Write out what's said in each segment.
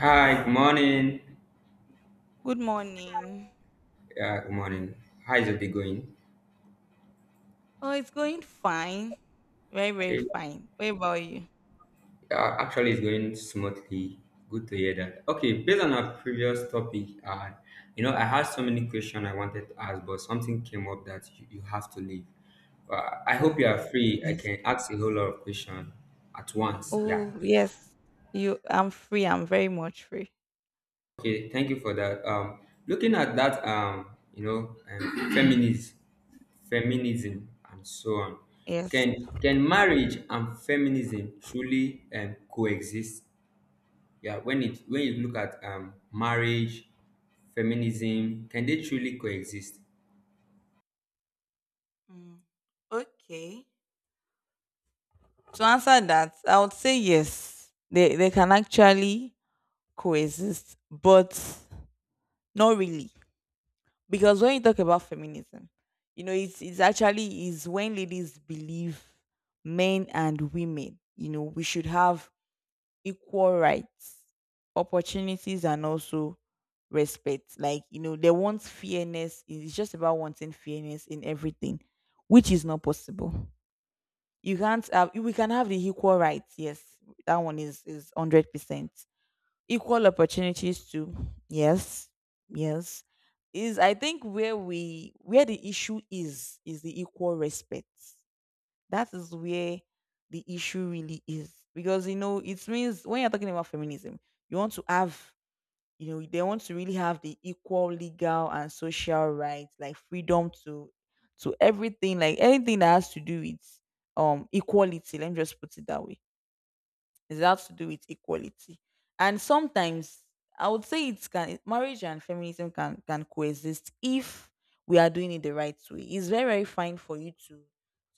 Hi, good morning. Good morning. Yeah, good morning. How is your day going? Oh, it's going fine. Very, very Okay, fine. Where about you? Actually, it's going smoothly. Good to hear that. Okay, based on our previous topic, I had so many questions I wanted to ask, but something came up that you have to leave. I hope Oh, you are yes. free. I Yes. can ask a whole lot of questions at once. Yeah. Oh, yes. I'm free. I'm very much free. Okay, thank you for that. Looking at that, you know, um, feminism, feminism and so on. Yes. Can marriage and feminism truly coexist? Yeah, when you look at marriage, feminism, can they truly coexist? Mm. Okay. To answer that, I would say yes. They can actually coexist, but not really. Because when you talk about feminism, you know, it's actually is when ladies believe men and women, you know, we should have equal rights, opportunities, and also respect. Like, you know, they want fairness. It's just about wanting fairness in everything, which is not possible. You can't have, we can have the equal rights. Yes, that one is 100%. Equal opportunities too. Yes, yes. Is I think where we, where the issue is the equal respect that is where the issue really is. Because, you know, it means when you're talking about feminism, you want to have, you know, they want to really have the equal legal and social rights, like freedom to everything, like anything that has to do with equality. Let me just put it that way it has to do with equality. And sometimes I would say it can marriage and feminism can coexist if we are doing it the right way. It's very very fine for you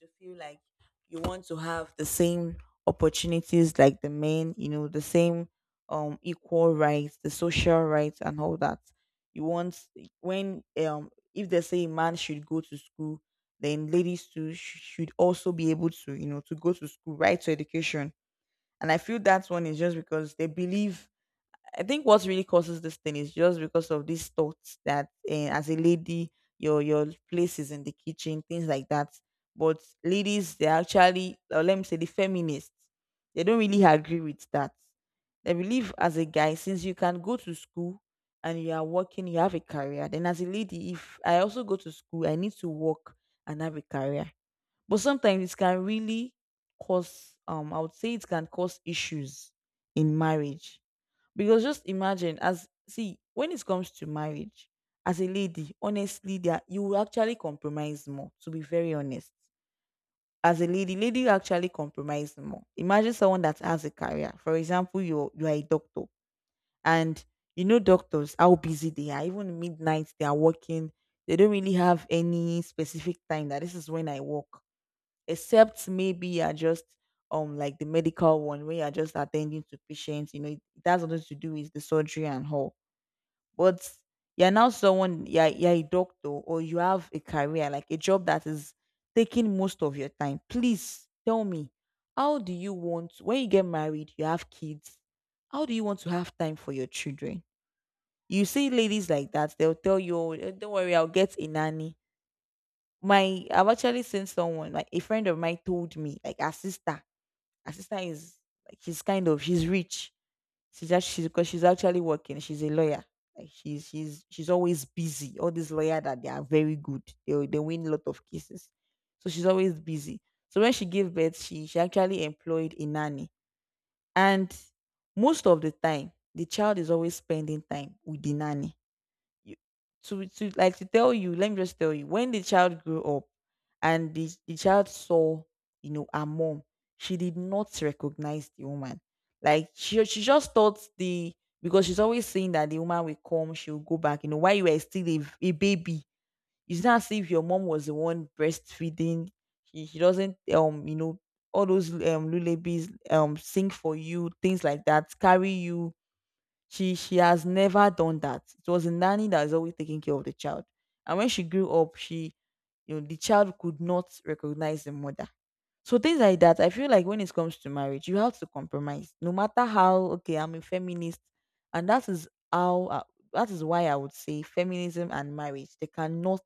to feel like you want to have the same opportunities like the men, you know, the same equal rights, the social rights and all that. You want when if they say a man should go to school, then ladies too should also be able to, you know, to go to school, right to education and I feel that one is just because they believe. I think what really causes this thing is just because of these thoughts that as a lady, your place is in the kitchen, things like that. But ladies, they actually, or let me say, the feminists, they don't really agree with that. They believe as a guy, since you can go to school and you are working, you have a career. Then as a lady, if I also go to school, I need to work and have a career but sometimes it can really cause I would say it can cause issues in marriage. Because just imagine as see, when it comes to marriage, as a lady, honestly, there you will actually compromise more, to be very honest. As a lady, lady will actually compromise more. Imagine someone that has a career. For example, you are a doctor and you know doctors how busy they are. Even midnight they are working. They don't really have any specific time that this is when I work except maybe you're just like the medical one where you're just attending to patients, you know, it has nothing to do with the surgery and all. But you're now someone you're a doctor or you have a career, like a job that is taking most of your time. Please tell me, how do you want when you get married, you have kids, how do you want to have time for your children? You see ladies like that, they'll tell you, "Oh, eh, don't worry, I'll get a nanny my I've actually seen someone like a friend of mine told me like her sister is like she's kind of she's rich. She's just she's because she's actually working. She's a lawyer. Like she's always busy. All these lawyer that they are very good. They win a lot of cases. So she's always busy. So when she gave birth, she actually employed a nanny. And most of the time, the child is always spending time with the nanny you to like to tell you let me just tell you when the child grew up and the child saw you know her mom she did not recognize the woman like she just thought the because she's always saying that the woman will come she'll go back you know while you were still a baby it's not as if your mom was the one breastfeeding she doesn't you know all those lullabies sing for you things like that carry you she has never done that. It was a nanny that has always taken care of the child. And when she grew up, she you know the child could not recognize the mother. So things like that, I feel like when it comes to marriage, you have to compromise. No matter how okay, I'm a feminist, and that is why I would say feminism and marriage they cannot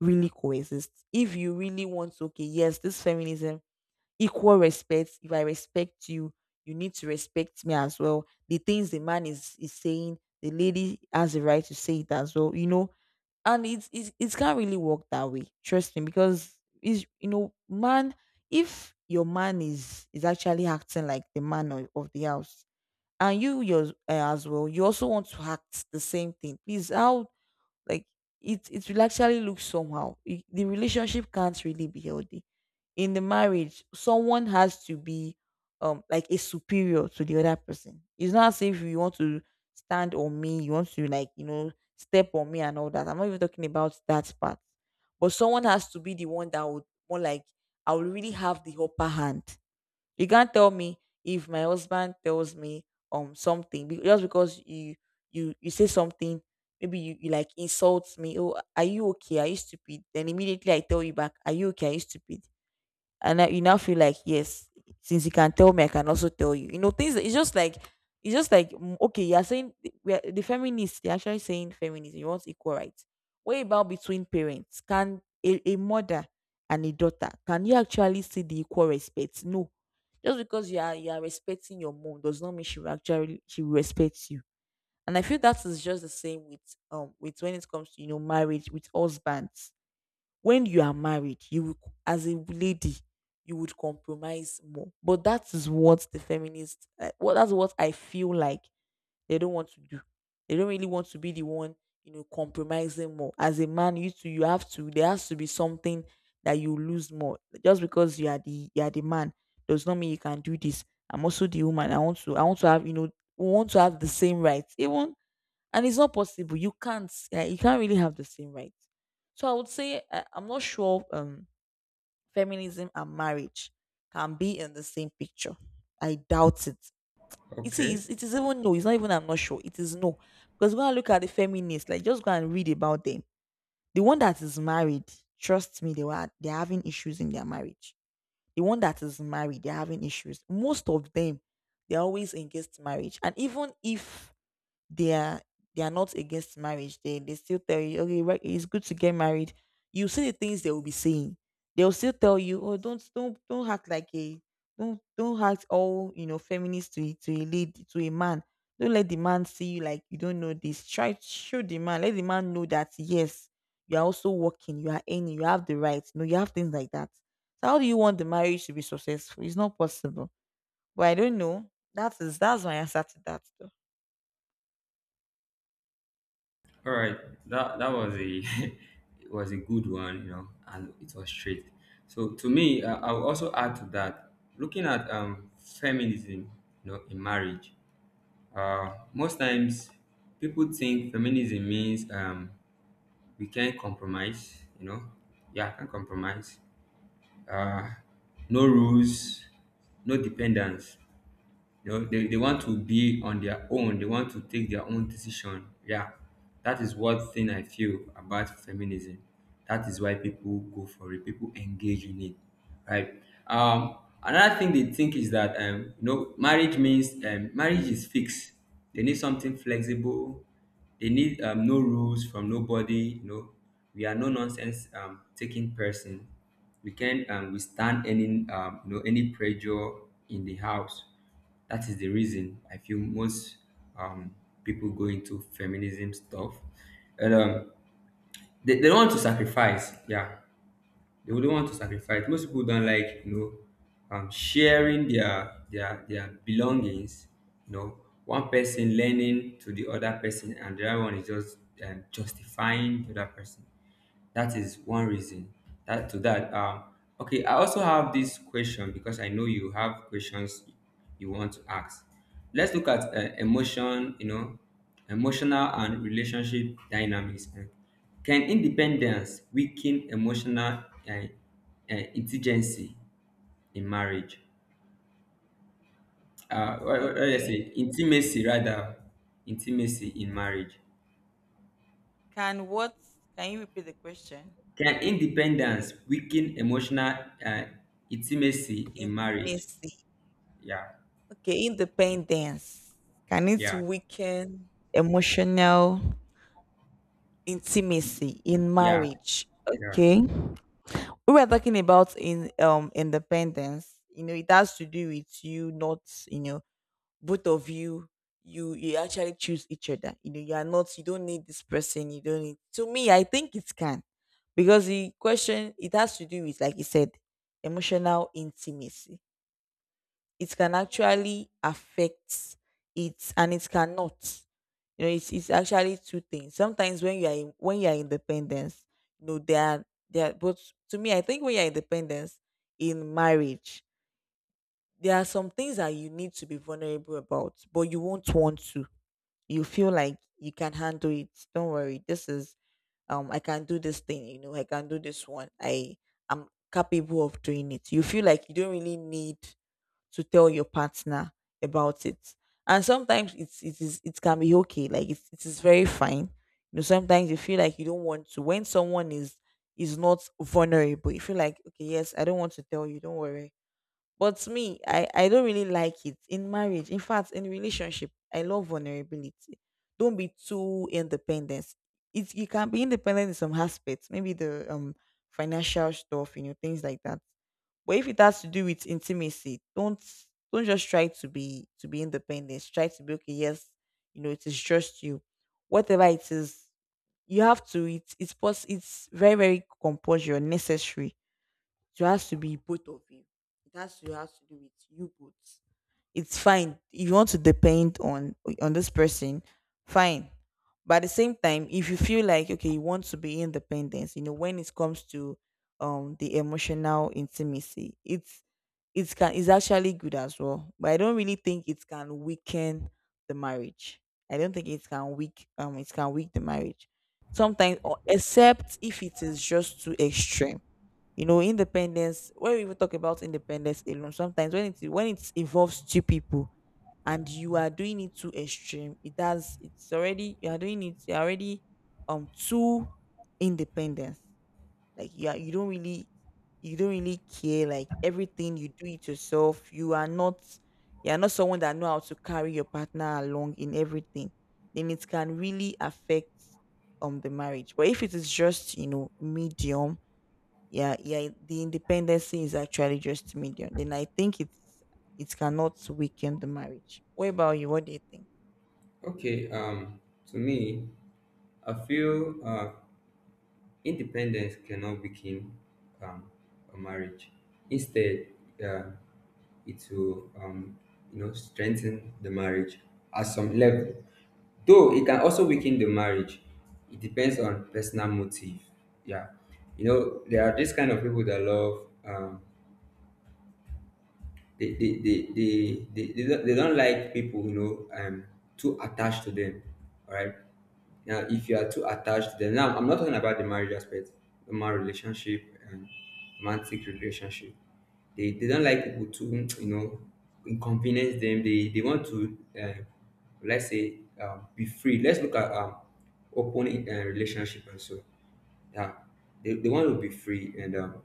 really coexist. If you really want, to, okay, yes, this feminism equal respect. If I respect you, you need to respect me as well. The things the man is saying, the lady has the right to say it as well. You know, and it can't really work that way. Trust me, because is you know, man, if your man is actually acting like the man of the house, and you yours as well, you also want to act the same thing. Please, how like it will actually look somehow. It- the relationship can't really be healthy. In the marriage, someone has to be like a superior to the other person. It's not as if you want to stand on me, you want to like, you know, step on me and all that. I'm not even talking about that part. But someone has to be the one that would more like I will really have the upper hand you can't tell me if my husband tells me something just because you say something, maybe you like insult me. Oh, are you okay? Are you stupid? Then immediately I tell you back, are you okay? Are you stupid? And now you now feel like yes since you can tell me I can also tell you you know things it's just like mm, okay you're saying we are, the feminists they're actually saying feminism you want equal rights what about between parents can a mother and a daughter can you actually see the equal respect no just because you are respecting your mom does not mean she will actually she will respect you and I feel that is just the same with when it comes to you know marriage with husbands when you are married, you will, as a lady, you would compromise more. But that is what the feminists, well, that's what I feel like they don't want to do. They don't really want to be the one, you know, compromising more. As a man, you too, you have to. There has to be something that you lose more. Just because you are the man does not mean you can do this. I'm also the woman. I want to. I want to have, you know, we want to have the same rights. Even and it's not possible. You can't. Yeah, you can't really have the same right. So I would say I'm not sure feminism and marriage can be in the same picture. I doubt it. It Okay. is. It is even no. It's not even. I'm not sure. It is no. Because when I look at the feminists, like just go and read about them. The one that is married, trust me, they're having issues in their marriage. The one that is married, they're having issues. Most of them, they're always against marriage. And even if they are they are not against marriage. They still tell you, okay, right, it's good to get married. You see the things they will be saying. They'll still tell you, oh, don't act like a don't act all you know feminist to to a lady to a man. Don't let the man see you like you don't know this. Try to show the man. Let the man know that yes, you are also working. You are earning. You have the right. No, you have things like that. So how do you want the marriage to be successful? It's not possible but I don't know. That's my answer to that though. All right, that that was a it was a good one, and it was straight. So to me, I will also add to that, looking at feminism, in marriage. Most times, people think feminism means we can't compromise. You know, yeah, I can compromise. Uh, no rules, no dependence. You know, they want to be on their own, they want to take their own decision. Yeah, that is one thing I feel about feminism. That is why people go for it, people engage in it, right? Um another thing they think is that you know marriage means, marriage is fixed. They need something flexible. They need no rules from nobody. You know, we are no nonsense taking person. We can withstand any you know any pressure in the house. That is the reason I feel most um, people go into feminism stuff, and they don't want to sacrifice. Yeah, they don't want to sacrifice. Most people don't like sharing their belongings. You know, one person lending to the other person, and the other one is just justifying the other person. That is one reason. That to that. Okay, I also have this question because I know you have questions you want to ask. Let's look at emotion. You know, emotional and relationship dynamics. Can independence weaken emotional uh, intimacy in marriage? What did I Okay. say? Intimacy rather, intimacy in marriage. Can what? Can you repeat the question? Can independence weaken emotional uh, intimacy in marriage? Intimacy. Yeah, Okay, independence. Can it yeah, weaken emotional intimacy in yeah, marriage? yeah. Okay. We were talking about in independence you know it has to do with you not you know both of you you actually choose each other you know you are not you don't need this person you don't need to me I think it can because the question it has to do with like you said emotional intimacy it can actually affect it and it cannot. You know, it's actually two things. Sometimes when you are independence, you know, there are, but to me I think when you're independence in marriage, there are some things that you need to be vulnerable about, but you won't want to. You feel like you can handle it. Don't worry. This is I can do this thing, you know, I can do this one. I am capable of doing it. You feel like you don't really need to tell your partner about it. And sometimes it's it is it can be okay, like it is very fine. You know, sometimes you feel like you don't want to when someone is not vulnerable, you feel like okay, yes, I don't want to tell you, don't worry. But to me, I don't really like it in marriage. In fact, in relationship, I love vulnerability. Don't be too independent. It you can be independent in some aspects, maybe the financial stuff, you know, things like that. But if it has to do with intimacy, don't just try to be independent. Try to be okay. Yes, you know it is just you. Whatever it is, you have to. It's very compulsory or necessary so it has to be both of you. It has to do with you both. It's fine. If you want to depend on this person, fine. But at the same time, if you feel like okay, you want to be independent, you know, when it comes to the emotional intimacy, it's it can is actually good as well. But I don't really think it can weaken the marriage. I don't think it can weak the marriage. Sometimes or except if it is just too extreme, you know, independence, when we even talk about independence alone, sometimes when it involves two people and you are doing it too extreme, it's already you are doing it, you're already too independent. Like you don't really care, like everything you do it yourself. You are not someone that know how to carry your partner along in everything. Then it can really affect the marriage. But if it is just, you know, medium, yeah, yeah, the independency is actually just medium, then I think it cannot weaken the marriage. What about you? What do you think? Okay. To me, I feel independence cannot become um, a marriage. Instead, uh, it will strengthen the marriage at some level. Though it can also weaken the marriage. It depends on personal motive. Yeah, you know there are this kind of people that love they they they they they don't like people too attached to them. All right. Now, if you are too attached to them, now I'm not talking about the marriage aspect, the marriage relationship and romantic relationship. They don't like people to you know inconvenience them. They want to let's say be free. Let's look at open relationship also. Yeah. They want to be free, and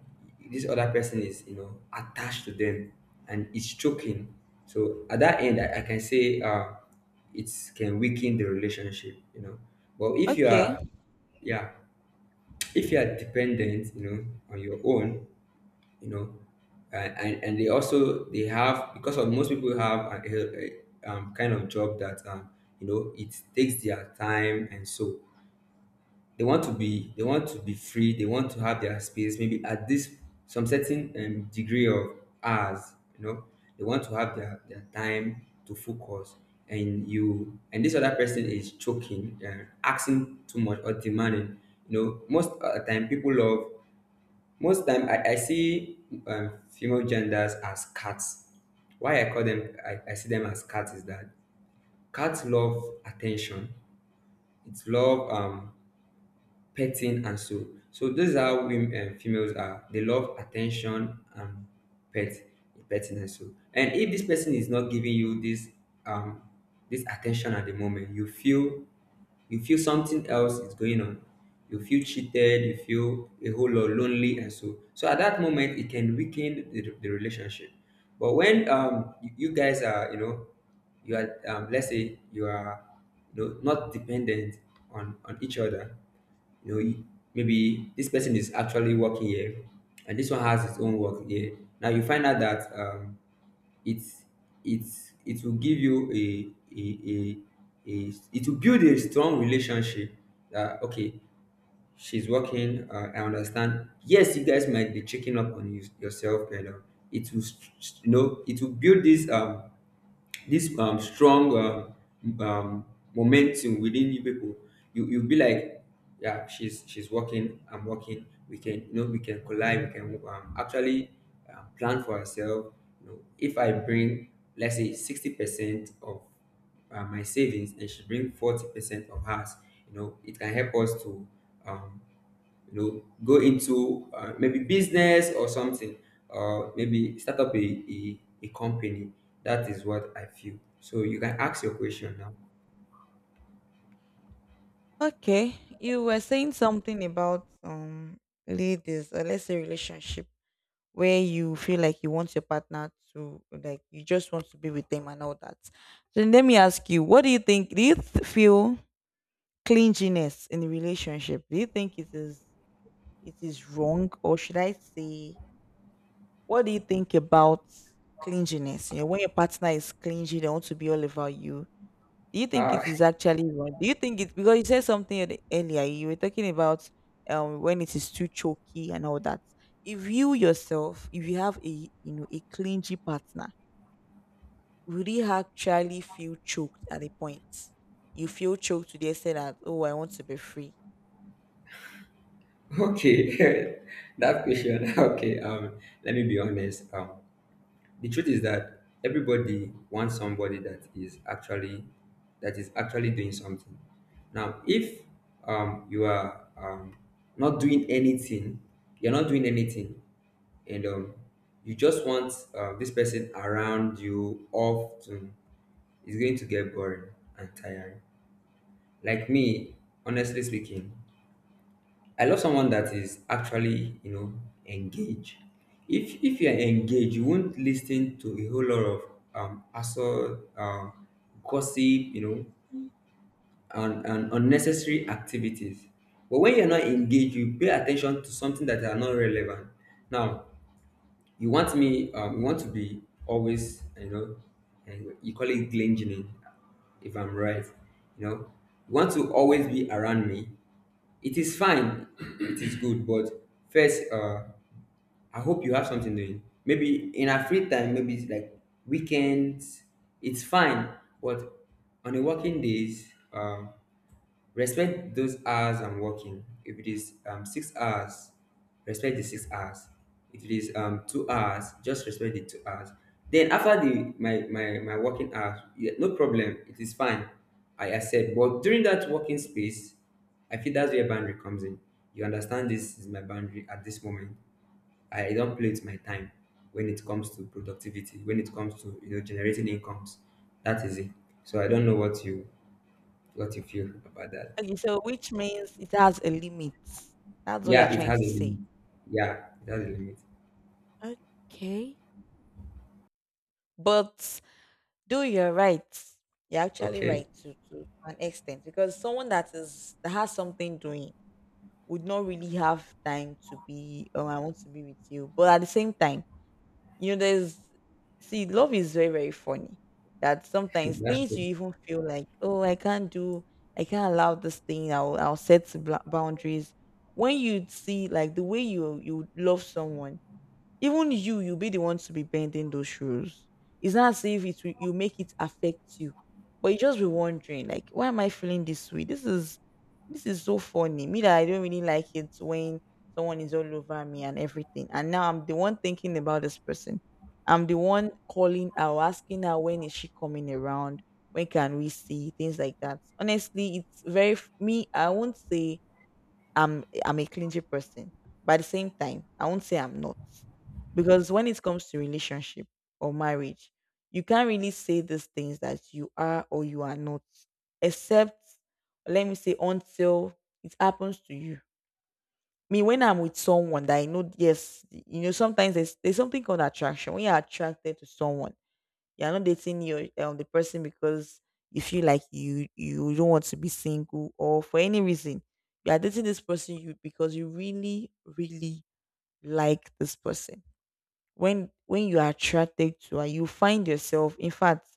this other person is attached to them, and it's choking. So at that end, I can say it can weaken the relationship, you know. But if you Okay, are, yeah, if you are dependent on your own, you know, and they also they have because of most people have a kind of job that you know it takes their time. And so they want to be free, they want to have their space, maybe at this, some certain degree of hours. You know, they want to have their time to focus. And this other person is choking and asking too much or demanding, you know. Most of the time people love. Most time, I see female genders as cats. Why I see them as cats is that cats love attention. It's love petting and so. So those are women, females are, they love attention and pet petting and so. And if this person is not giving you this um this attention at the moment, you feel, you feel something else is going on, you feel cheated, you feel a whole lot lonely. And so, so at that moment it can weaken the relationship. But when you, you guys are, you know, you are, let's say you are, you know, not dependent on each other. You know, you— maybe this person is actually working here, and this one has his own work here. Now you find out that it's it's, it will give you a, a it will build a strong relationship, that okay, she's working. I understand. Yes, you guys might be checking up on you, yourself, and it will you know it will build this this strong um, momentum within you people. You you'll be like, yeah, she's working, I'm working, we can, you know, we can collide, we can actually plan for ourselves. You know, if I bring, let's say, 60% of my savings, and she bring 40% of hers, you know it can help us to um, you know, go into maybe business or something, or maybe start up a company. That is what I feel. So you can ask your question now. okay, you were saying something about ladies, or let's say relationship, where you feel like you want your partner to like you just want to be with them and all that. Then let me ask you, what do you think? Feel clinginess in a relationship, do you think it is wrong? Or should I say, what do you think about clinginess? You know, when your partner is clingy, they want to be all over you. Do you think Ah, it is actually wrong? Do you think it, because you said something earlier? You were talking about when it is too choky and all that. If you yourself, if you have a, you know, a clingy partner, would you actually feel choked at the point? You feel choked to the extent that, oh, I want to be free. okay. That question. Okay. Let me be honest. The truth is that everybody wants somebody that is actually doing something. Now, if you are not doing anything, you're not doing anything, and you just want this person around you often, it's going to get boring and tiring. Like me, honestly speaking, I love someone that is actually, you know, engaged. If you are engaged, you won't listen to a whole lot of assault, gossip, you know, and unnecessary activities. But when you're not engaged, you pay attention to something that are not relevant. Now, you want me, you want to be always, you know, and you call it glingening, if I'm right. You know, you want to always be around me. It is fine, it is good, but first, I hope you have something doing. Maybe in our free time, maybe it's like weekends, it's fine, but on the working days, respect those hours I'm working. If it is 6 hours, respect the 6 hours. If it is 2 hours, just respect the 2 hours. Then after my working hours, yeah, no problem. It is fine. I accept. But during that working space, I feel that's where boundary comes in. You understand this is my boundary at this moment. I don't play with my time when it comes to productivity, when it comes to, you know, generating incomes. That is it. So I don't know what you feel about that. Okay, so which means it has a limit. That's what you're Yeah, it trying has to a say. limit. Yeah, it has a limit. Okay. But Do you're right. You're actually Okay, right to, to an extent, because someone that is that has something doing would not really have time to be oh I want to be with you. But at the same time, you know, there's see, love is very funny. That sometimes that's things true. you even feel like, oh, I can't do I can't allow this thing, I'll set boundaries. When you see like the way you love someone, even you, you'll be the ones to be bending those rules. It's not as if it will, you make it affect you, but you just be wondering, like, why am I feeling this way? This is so funny. Me that I don't really like it when someone is all over me and everything. And now I'm the one thinking about this person. I'm the one calling her, or asking her, when is she coming around? When can we see? Things like that. Honestly, it's very me. I won't say I'm a clingy person. But at the same time, I won't say I'm not. Because when it comes to relationship or marriage, you can't really say these things that you are or you are not. Except let me say until it happens to you. Me, when I'm with someone that I know, yes, you know, sometimes there's something called attraction. When you're attracted to someone, you're not dating your the person because you feel like you don't want to be single or for any reason. You are dating this person you because you really, really like this person. When you are attracted to and you find yourself, in fact,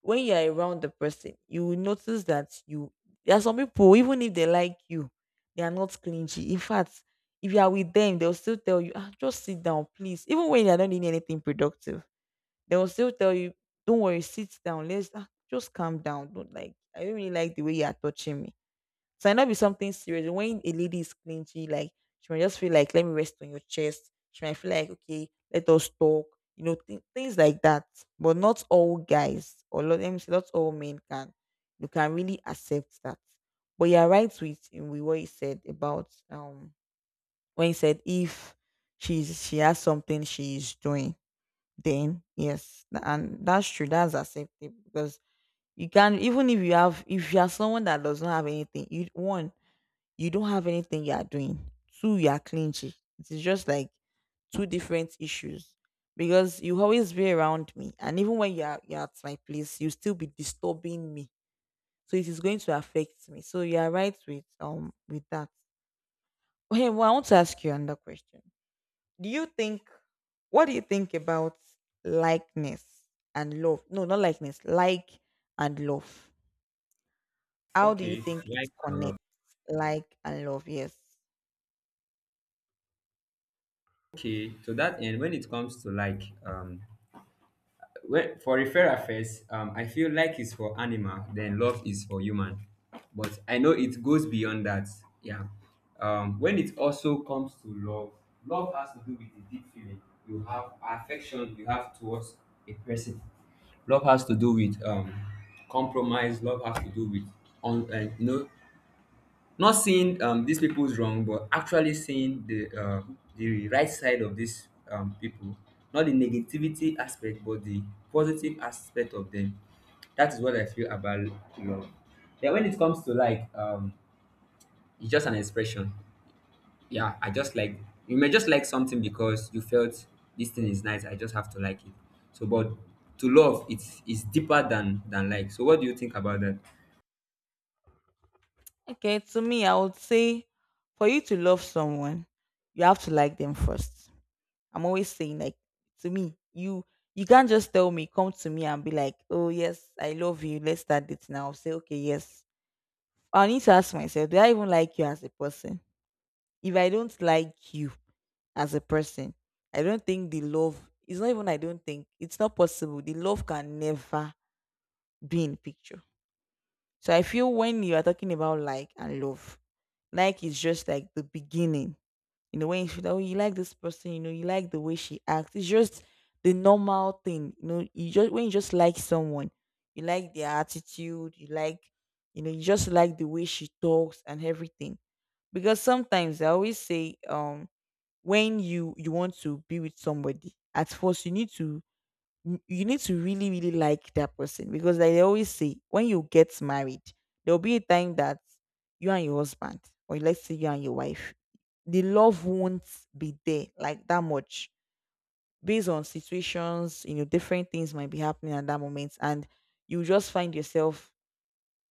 when you are around the person, you will notice that you there are some people, even if they like you, they are not clingy. In fact, if you are with them, they'll still tell you, ah, just sit down, please. Even when they are not doing anything productive, they will still tell you, don't worry, sit down. Let's ah, just calm down. Don't like, I don't really like the way you are touching me. So it might not be something serious. When a lady is clingy, like, she might just feel like, let me rest on your chest. She might feel like, okay, let us talk. You know, things like that. But not all guys, or lot let me say, not all men can. You can really accept that. But you're right with what you said about when he said, if she has something she's doing, then yes, and that's true. That's acceptable because you can, even if you have, if you are someone that does not have anything, you one, you don't have anything you are doing, two, you are clingy. It is just like two different issues, because you always be around me and even when you're at my place, you still be disturbing me, so it is going to affect me. So you are right with, with that. Okay, well, I want to ask you another question. Do you think, what do you think about likeness and love? No, not likeness, like and love. How do you Okay, think it like and love. connects? Like and love, yes. Okay, to that end, when it comes to like, when, for referral first, I feel like is for animal, then love is for human. But I know it goes beyond that. Yeah. When it also comes to love, love has to do with the deep feeling you have, affection you have towards a person. Love has to do with compromise. Love has to do with on, you know, not seeing these people's wrong, but actually seeing the the right side of these people, not the negativity aspect, but the positive aspect of them. That is what I feel about love. Yeah, when it comes to like, it's just an expression. Yeah, I just like, you may just like something because you felt this thing is nice. I just have to like it. So, but to love, it's deeper than like. So, what do you think about that? Okay, to me, I would say, for you to love someone, you have to like them first. I'm always saying, like, to me, you can't just tell me, come to me and be like, oh yes, I love you, let's start it now. I'll say, okay, yes, I need to ask myself, do I even like you as a person? If I don't like you as a person, I don't think the love, it's not even, I don't think it's not possible. The love can never be in picture. So I feel when you are talking about like and love, like is just like the beginning. You know, when you feel that, oh, you like this person, you know, you like the way she acts. It's just the normal thing. You know, you just when you just like someone, you like their attitude, you like, you know, you just like the way she talks and everything. Because sometimes I always say, when you want to be with somebody, at first you need to you you need to really really like that person, because like they always say, when you get married, there'll be a time that you and your husband, or let's say you and your wife, the love won't be there like that much, based on situations, you know, different things might be happening at that moment, and you just find yourself,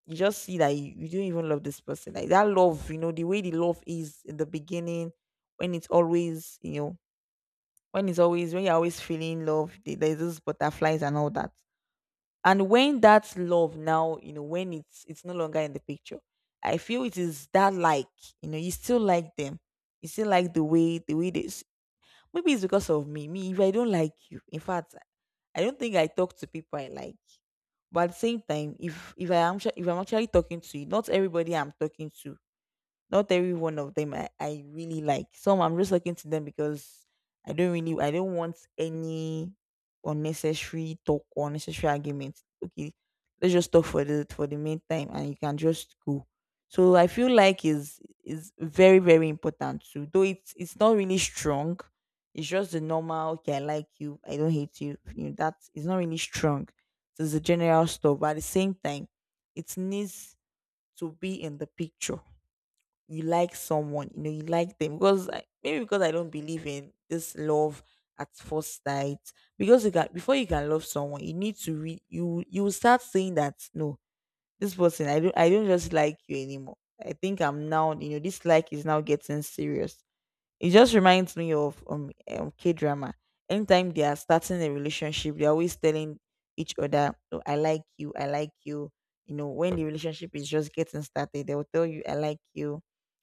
you just see that you don't even love this person like that love, you know, the way the love is in the beginning, when it's always, you know, when it's always, when you're always feeling love, there's those butterflies and all that, and when that love now, you know, when it's no longer in the picture, I feel it is that like, you know, you still like them, you still like the way they maybe it's because of me. Me, if I don't like you, in fact, I don't think I talk to people I like. But at the same time, if I am if I'm actually talking to you, not everybody I'm talking to, not every one of them I really like. Some I'm just looking to them because I don't want any unnecessary talk or unnecessary arguments. Okay, let's just talk for the meantime and you can just go. So I feel like is very, very important too. Though it's not really strong. It's just the normal, okay, I like you, I don't hate you. You know, that is not really strong. So it's a general stuff. But at the same time, it needs to be in the picture. You like someone, you know, you like them maybe because I don't believe in this love at first sight. Because you can before you can love someone, you need to you will start saying that no, this person I don't just like you anymore. I think I'm now you know this like is now getting serious. It just reminds me of K drama. Anytime they are starting a relationship, they're always telling each other, oh, I like you, I like you. You know, when the relationship is just getting started, they will tell you, I like you,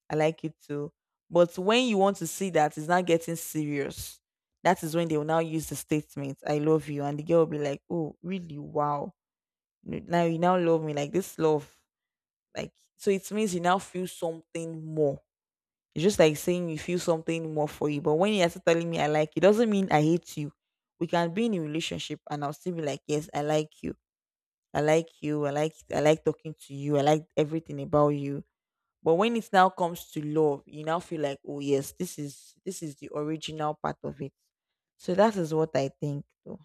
I like you too. But when you want to see that it's not getting serious, that is when they will now use the statement, I love you. And the girl will be like, oh, really? Wow. Now you now love me. Like this love. Like, so it means you now feel something more. It's just like saying you feel something more for you. But when you're telling me I like you, doesn't mean I hate you. We can be in a relationship and I'll still be like, yes, I like you. I like you. I like talking to you. I like everything about you. But when it now comes to love, you now feel like, oh yes, this is the original part of it. So that is what I think though.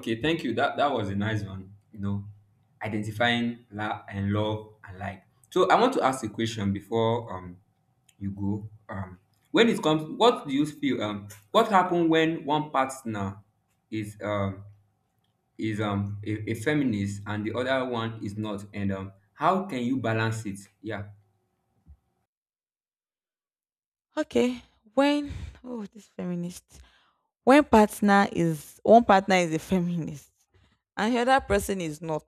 Okay, thank you. That was a nice one. You know, identifying la- and love and like. So I want to ask a question before you go. When it comes, what do you feel? What happened when one partner is a feminist and the other one is not, and how can you balance it? Yeah, Okay. When, oh, this feminist. When partner is one partner is a feminist and the other person is not.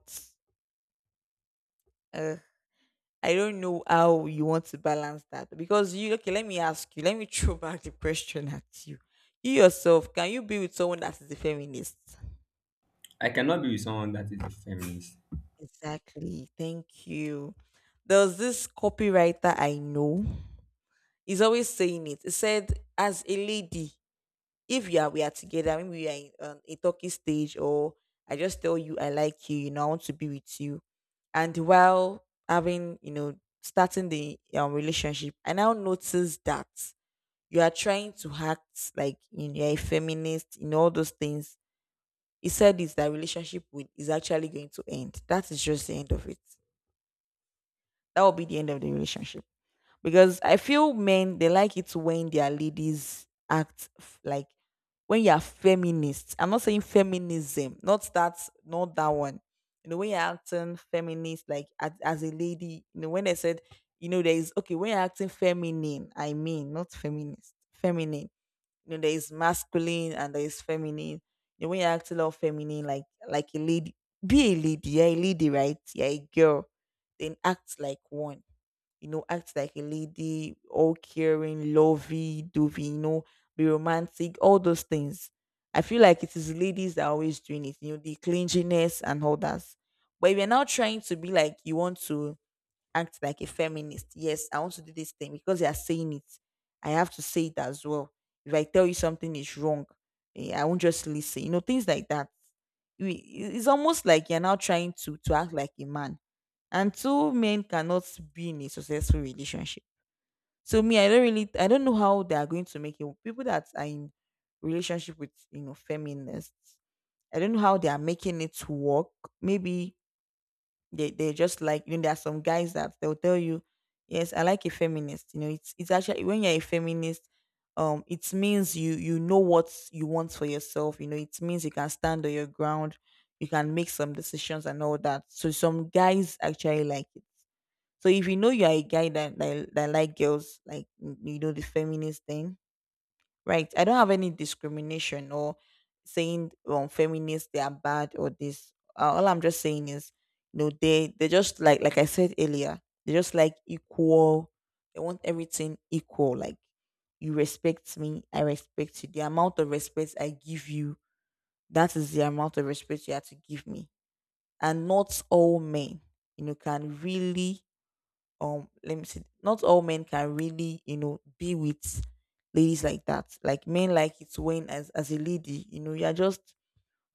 I don't know how you want to balance that because you, okay. Let me ask you. Let me throw back the question at you. You yourself, can you be with someone that is a feminist? I cannot be with someone that is a feminist. Exactly. Thank you. There was this copywriter I know. He's always saying it. He said, as a lady, if you are we are together, maybe we are in a talking stage, or I just tell you I like you know, I want to be with you. And while having, you know, starting the relationship, I now notice that you are trying to act like, you know, you're a feminist in all those things. He said is actually going to end. That is just the end of it. That will be the end of the relationship. Because I feel men, they like it when their ladies act like, when you are feminist. I'm not saying feminism, not that one. You know, when you're acting feminist, like as a lady, you know, when I said, you know, there is, okay, when you're acting feminine, I mean not feminist, feminine, you know, there is masculine and there is feminine. You know, when you act a lot feminine, like a lady, be a lady. You're a lady, right? You're a girl. Then act like one. You know, act like a lady, all caring, lovey, dovey. You know, be romantic. All those things. I feel like it is ladies that are always doing it. You know, the clinginess and all that. But if you're now trying to be like, you want to act like a feminist. Yes, I want to do this thing because they are saying it. I have to say it as well. If I tell you something is wrong, I won't just listen. You know, things like that. It's almost like you're now trying to act like a man, and two men cannot be in a successful relationship. So me, I don't know how they are going to make it. People that are in relationship with, you know, feminists, I don't know how they are making it work. Maybe they just like, you know, there are some guys that they'll tell you, yes, I like a feminist. You know, it's actually when you're a feminist, it means you, you know what you want for yourself. You know, it means you can stand on your ground, you can make some decisions and all that. So some guys actually like it. So if you know you are a guy that like girls, like, you know, the feminist thing, right, I don't have any discrimination or saying feminists they are bad or this, all I'm just saying is, you know, they just like I said earlier, they just like equal. They want everything equal, like you respect me, I respect you. The amount of respect I give you, that is the amount of respect you have to give me. And not all men, you know, can really, let me see, not all men can really, you know, be with ladies like that. Like men like it when, as a lady, you know, you're just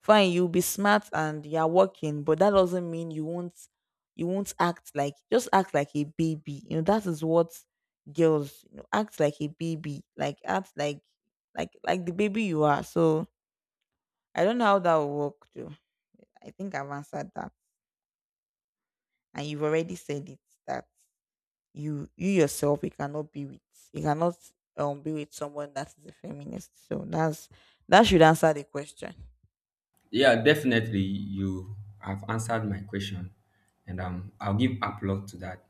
fine, you'll be smart and you're working, but that doesn't mean you won't act like, just act like a baby. You know, that is what girls, you know, act like a baby, like act like, like the baby you are. So I don't know how that will work though. I think I've answered that, and you've already said it, that you yourself, you cannot be with, you cannot, be with someone that is a feminist. So that's, that should answer the question. Yeah, definitely you have answered my question, and I'll give applause to that.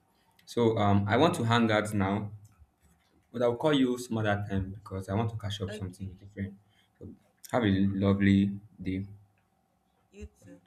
So I want to hang out now, but I'll call you some other time because I want to catch up Okay, something with a friend. So have a lovely day. you too.